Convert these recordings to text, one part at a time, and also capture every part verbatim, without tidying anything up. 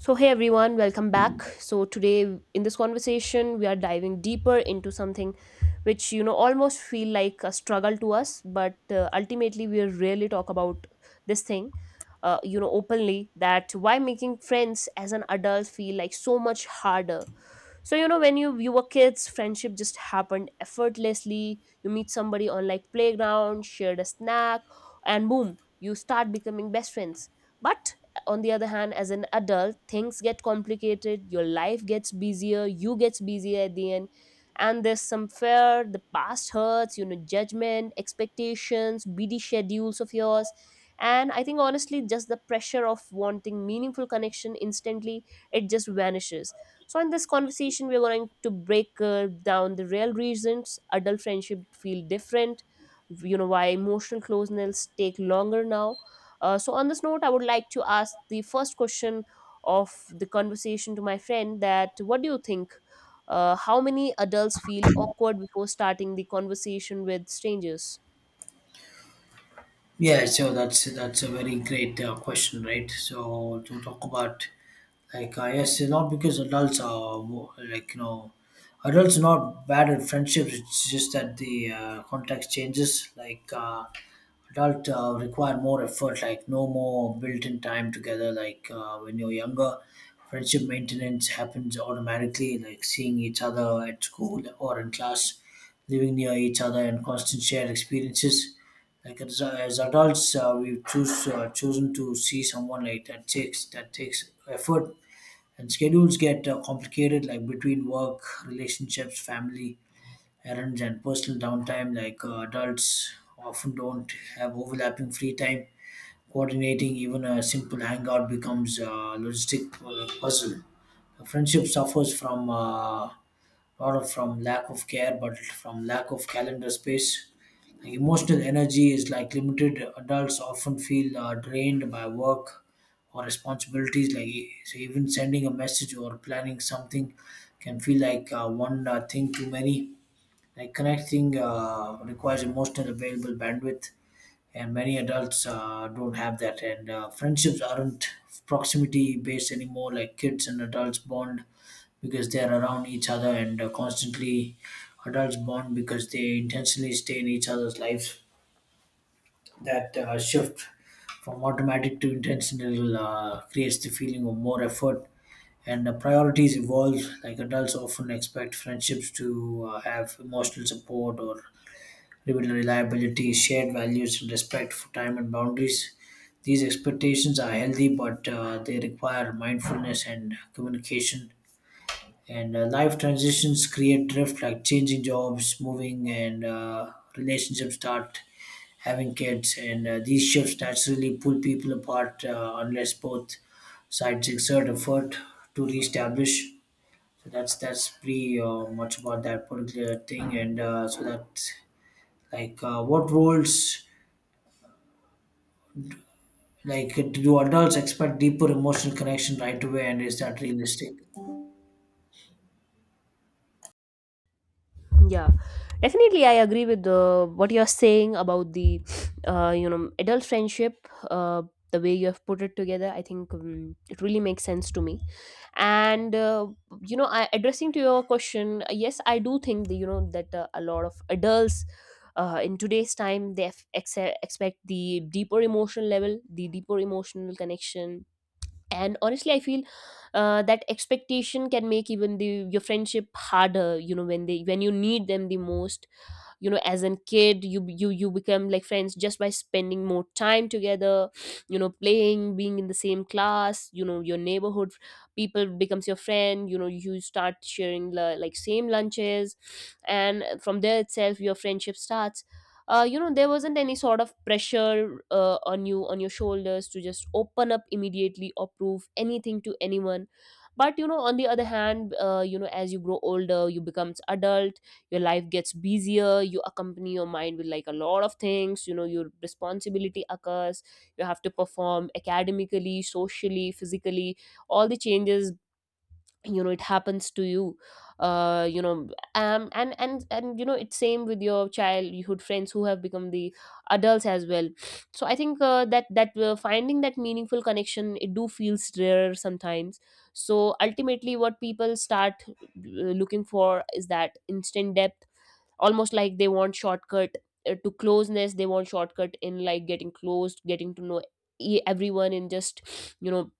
So, hey everyone, welcome back. So, today in this conversation, we are diving deeper into something which you know almost feel like a struggle to us, but uh, ultimately, we rarely talk about this thing, uh, you know, openly that why making friends as an adult feel like so much harder. So you know when you you were kids, friendship just happened effortlessly. You meet somebody on like playground, shared a snack, and boom, you start becoming best friends. But on the other hand, as an adult, things get complicated, your life gets busier, you gets busier at the end, and there's some fear, the past hurts, you know judgment, expectations, busy schedules of yours, and I think honestly just the pressure of wanting meaningful connection instantly, it just vanishes. So, in this conversation, we're going to break uh, down the real reasons adult friendship feel different, you know, why emotional closeness take longer now. Uh, so, on this note, I would like to ask the first question of the conversation to my friend that what do you think, uh, how many adults feel awkward before starting the conversation with strangers? Yeah, so that's that's a very great uh, question, right? So to talk about like uh, yes, it's not because adults are mo- like you know adults are not bad at friendships. It's just that the uh, context changes. Like uh, adult uh, require more effort like no more built-in time together like uh, when you're younger friendship maintenance happens automatically like seeing each other at school or in class living near each other and constant shared experiences like as, as adults uh, we've choose, uh, chosen to see someone like that takes that takes effort and schedules get uh, complicated like between work relationships family errands, and personal downtime like uh, adults often don't have overlapping free time. Coordinating even a simple hangout becomes a logistic uh, puzzle. A friendship suffers from uh, not of- from lack of care, but from lack of calendar space. Like, emotional energy is like limited. Adults often feel uh, drained by work or responsibilities. Like e- so even sending a message or planning something can feel like uh, one uh, thing too many like connecting uh, requires emotional available bandwidth, and many adults uh, don't have that. And uh, friendships aren't proximity based anymore. Like kids and adults bond because they're around each other and uh, constantly. Adults bond because they intentionally stay in each other's lives. That uh, shift from automatic to intentional uh, creates the feeling of more effort, and the priorities evolve like adults often expect friendships to uh, have emotional support or reliability, shared values, and respect for time and boundaries. These expectations are healthy, but uh, they require mindfulness and communication. And uh, life transitions create drift, like changing jobs, moving, and uh, relationships start having kids. And uh, these shifts naturally pull people apart uh, unless both sides exert effort to reestablish. So that's that's pretty uh, much about that particular thing, and uh, so that like, uh, what roles, like, do adults expect deeper emotional connection right away, and is that realistic? Yeah, definitely I agree with the, what you're saying about the uh, you know adult friendship. Uh, the way you have put it together, I think um, it really makes sense to me. And uh, you know I, addressing to your question, uh, yes I do think that you know that uh, a lot of adults uh, in today's time, they f- exe- expect the deeper emotional level, the deeper emotional connection. And honestly I feel uh, that expectation can make even the your friendship harder, you know when they when you need them the most. You know as a kid, you you you become like friends just by spending more time together. You know playing, being in the same class, you know your neighborhood people becomes your friend. You know you start sharing la- like same lunches. And from there itself, your friendship starts. Uh, you know there wasn't any sort of pressure uh, on you, on your shoulders, to just open up immediately or prove anything to anyone. But you know on the other hand, uh, you know as you grow older, you becomes adult, your life gets busier, you accompany your mind with like a lot of things, you know your responsibility occurs, you have to perform academically, socially, physically, all the changes, you know it happens to you. Uh you know um and and and you know it's same with your childhood friends who have become the adults as well. So I think uh, that that uh, finding that meaningful connection, it do feels rare sometimes. So ultimately what people start uh, looking for is that instant depth, almost like they want shortcut uh, to closeness. They want shortcut in like getting closed, getting to know e- everyone in just you know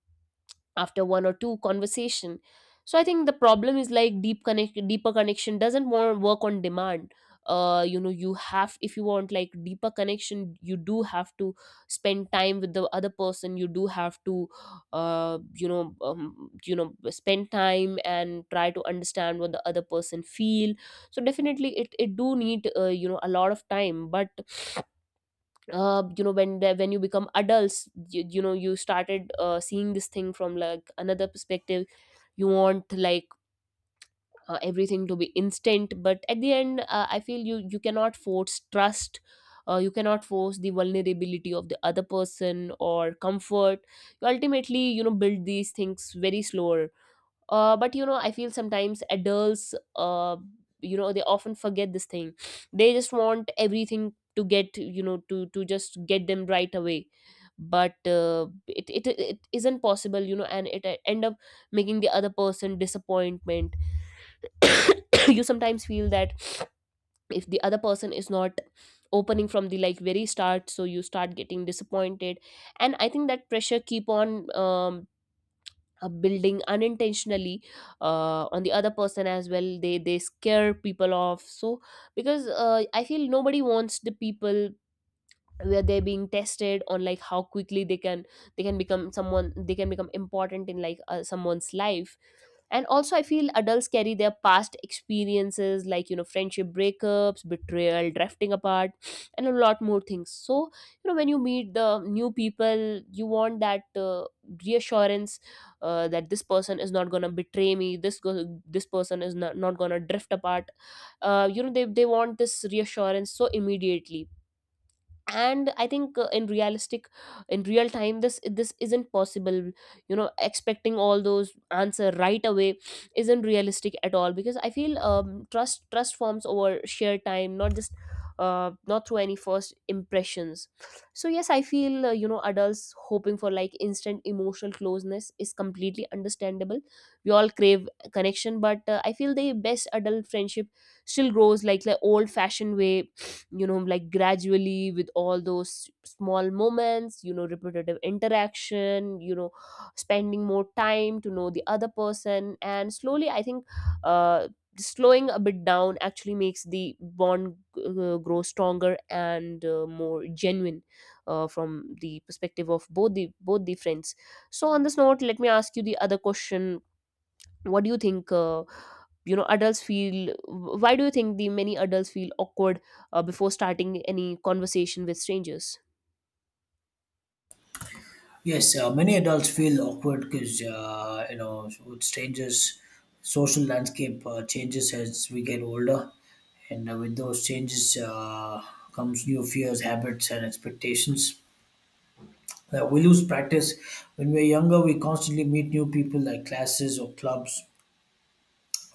after one or two conversation. So I think the problem is like deep connect deeper connection doesn't want work on demand. uh you know you have If you want like deeper connection, you do have to spend time with the other person. You do have to uh you know um, you know spend time and try to understand what the other person feel. So definitely it it do need uh, you know a lot of time. But uh, you know when the, when you become adults, you, you know you started uh, seeing this thing from like another perspective. You want like uh, everything to be instant. But at the end, uh, I feel you you cannot force trust. Uh, you cannot force the vulnerability of the other person or comfort. You ultimately you know build these things very slower. Uh, but you know I feel sometimes adults uh, you know they often forget this thing. They just want everything to get you know to to just get them right away. But uh, it, it it isn't possible, you know and it uh, end up making the other person disappointment. You sometimes feel that if the other person is not opening from the like very start, so you start getting disappointed. And I think that pressure keep on um, uh, building unintentionally uh, on the other person as well. They they scare people off. So because uh, I feel nobody wants the people where they're being tested on like how quickly they can they can become someone, they can become important in like uh, someone's life. And also I feel adults carry their past experiences, like you know friendship, breakups, betrayal, drifting apart, and a lot more things. So you know when you meet the new people, you want that uh, reassurance, uh, that this person is not gonna betray me, this go- this person is not, not gonna drift apart. uh, you know they, they want this reassurance so immediately. And I think uh, in realistic in real time, this this isn't possible, you know expecting all those answer right away isn't realistic at all, because I feel um, trust trust forms over shared time, not just uh, not through any first impressions. So yes, I feel uh, you know adults hoping for like instant emotional closeness is completely understandable. We all crave connection. But uh, I feel the best adult friendship still grows like the old fashioned way, you know like gradually, with all those small moments, you know repetitive interaction, you know spending more time to know the other person. And slowly I think uh, slowing a bit down actually makes the bond uh, grow stronger and uh, more genuine, uh, from the perspective of both the both the friends. So on this note, let me ask you the other question. What do you think, uh, you know adults feel why do you think the many adults feel awkward uh, before starting any conversation with strangers? Yes, uh, many adults feel awkward because uh, you know with strangers, social landscape uh, changes as we get older, and uh, with those changes uh, comes new fears, habits, and expectations. Uh, we lose practice when we're younger. We constantly meet new people like classes or clubs,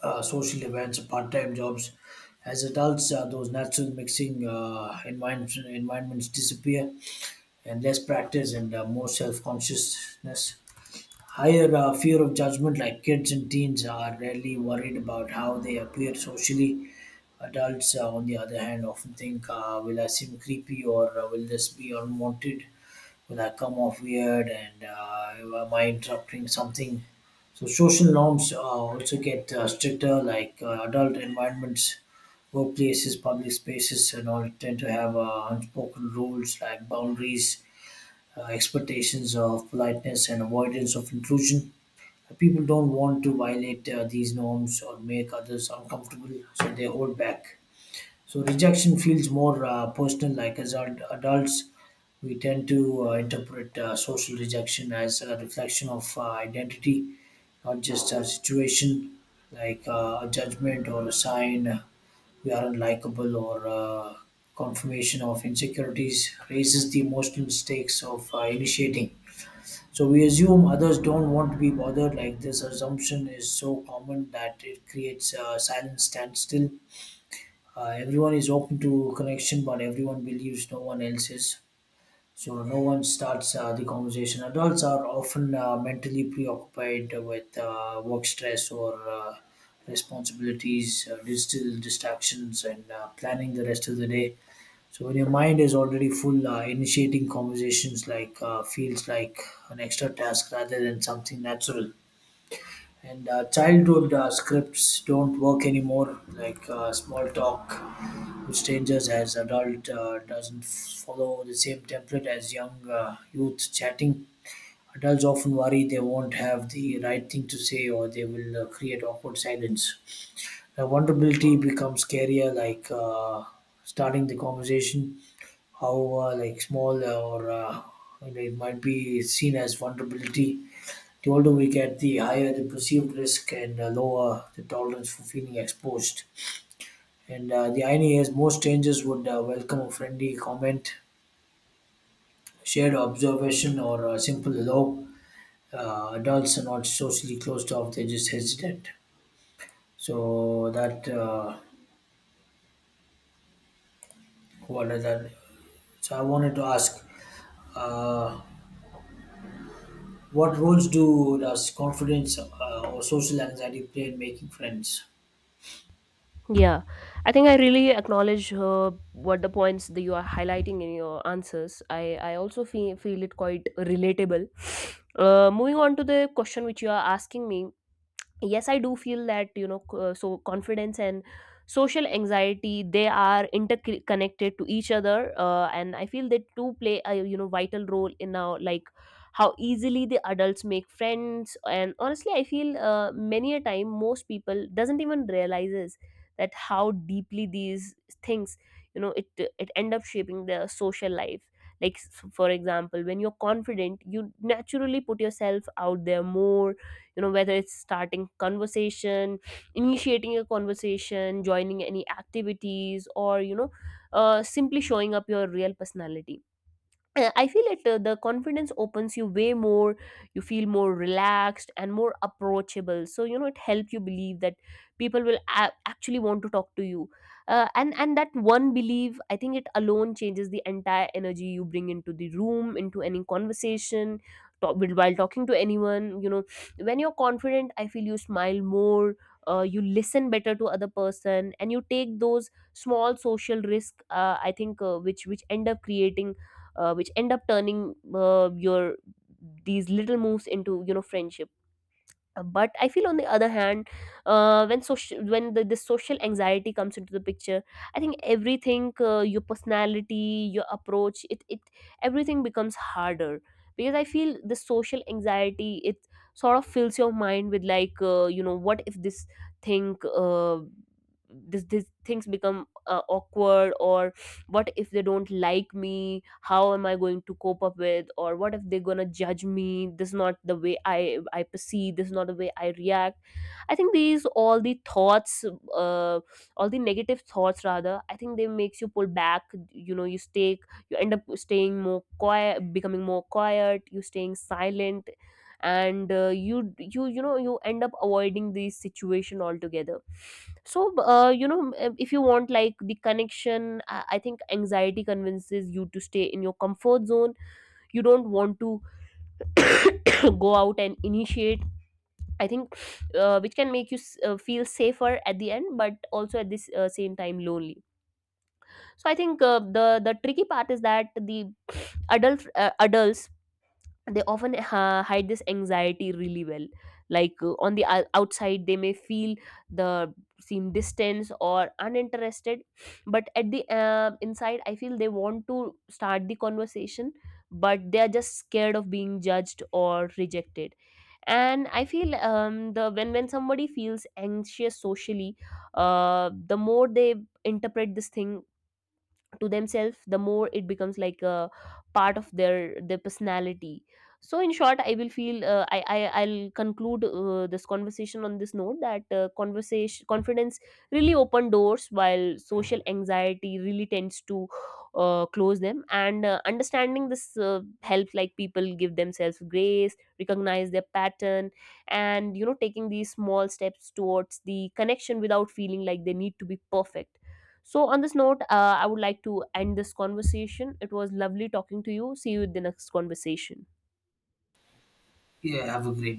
uh, social events, part-time jobs. As adults, uh, those natural mixing uh, environments, environments disappear, and less practice and uh, more self-consciousness, higher uh, fear of judgment, like kids and teens are rarely worried about how they appear socially. Adults, uh, on the other hand, often think, uh, will I seem creepy, or uh, will this be unwanted? Will I come off weird, and uh, am I interrupting something? So, social norms uh, also get uh, stricter, like uh, adult environments, workplaces, public spaces, and all tend to have uh, unspoken rules like boundaries, uh, expectations of politeness, and avoidance of intrusion. People don't want to violate uh, these norms or make others uncomfortable, so they hold back. So rejection feels more uh, personal. Like as ad- adults, we tend to uh, interpret uh, social rejection as a reflection of uh, identity, not just a situation, like uh, a judgment or a sign we aren't likable, or uh, confirmation of insecurities raises the emotional stakes of uh, initiating. So we assume others don't want to be bothered. Like this assumption is so common that it creates a silent standstill. Uh, everyone is open to connection, but everyone believes no one else is. So no one starts uh, the conversation. Adults are often uh, mentally preoccupied with uh, work stress or uh, responsibilities, uh, digital distractions, and uh, planning the rest of the day, so when your mind is already full, uh, initiating conversations like uh, feels like an extra task rather than something natural. And uh, childhood uh, scripts don't work anymore, like uh, small talk with strangers as adult uh, doesn't follow the same template as young uh, youth chatting. Adults often worry they won't have the right thing to say, or they will uh, create awkward silence. Now, vulnerability becomes scarier, like uh, starting the conversation. How uh, like small uh, or uh, and it might be seen as vulnerability. The older we get, the higher the perceived risk and uh, lower the tolerance for feeling exposed. And uh, the irony is, most strangers would uh, welcome a friendly comment, shared observation, or a simple hello. Uh, adults are not socially closed off; they're just hesitant. So that. Uh, What is that? So I wanted to ask, uh, what roles do does confidence uh, or social anxiety play in making friends? Yeah, I think I really acknowledge uh, what the points that you are highlighting in your answers. I, I also feel, feel it quite relatable. Uh, moving on to the question which you are asking me, yes I do feel that you know c- uh, so confidence and social anxiety, they are interconnected to each other, uh, and I feel they do play a you know vital role in our like how easily the adults make friends. And honestly I feel uh, many a time most people doesn't even realizes that how deeply these things, you know it it end up shaping their social life. Like s- for example, when you're confident, you naturally put yourself out there more, you know whether it's starting conversation, initiating a conversation, joining any activities, or you know uh, simply showing up your real personality. uh, I feel it. Uh, the confidence opens you way more. You feel more relaxed and more approachable. So you know it helps you believe that people will a- actually want to talk to you, uh, and and that one belief, I think it alone changes the entire energy you bring into the room, into any conversation, talk, while talking to anyone. You know, when you're confident, I feel you smile more. Uh, you listen better to other person, and you take those small social risk, uh, I think uh, which which end up creating uh, which end up turning uh, your these little moves into you know friendship. Uh, but I feel on the other hand, uh, when social when the, the social anxiety comes into the picture, I think everything, uh, your personality, your approach, it, it everything becomes harder. Because I feel the social anxiety, it sort of fills your mind with like uh, you know what if this thing, uh, this, this things become uh, awkward, or what if they don't like me, how am I going to cope up with, or what if they're going to judge me, this is not the way i i perceive, this is not the way I react. I think these all the thoughts uh, all the negative thoughts rather, I think they makes you pull back. you know you stay you end up staying more quiet, becoming more quiet, you staying silent, and uh, you you you know you end up avoiding this situation altogether. So b- uh, you know m- um, if you want like the connection, I, I think anxiety convinces you to stay in your comfort zone. You don't want to go out and initiate, I think, uh, which can make you s- uh, feel safer at the end, but also at this uh, same time lonely. So I think uh, the the tricky part is that the adult uh, adults, they often uh, hide this anxiety really well. Like uh, on the ou- outside they may feel the seem distance or uninterested, but at the uh, inside, I feel they want to start the conversation, but they are just scared of being judged or rejected. And I feel um, the when when somebody feels anxious socially, uh, the more they interpret this thing to themselves, the more it becomes like a part of their their personality. So in short, I will feel uh, I, I I'll conclude uh, this conversation on this note that uh, conversation confidence really open doors, while social anxiety really tends to uh, close them, and uh, understanding this uh, helps like people give themselves grace, recognize their pattern, and you know taking these small steps towards the connection without feeling like they need to be perfect. So, on this note, uh, I would like to end this conversation. It was lovely talking to you. See you in the next conversation. Yeah, have a great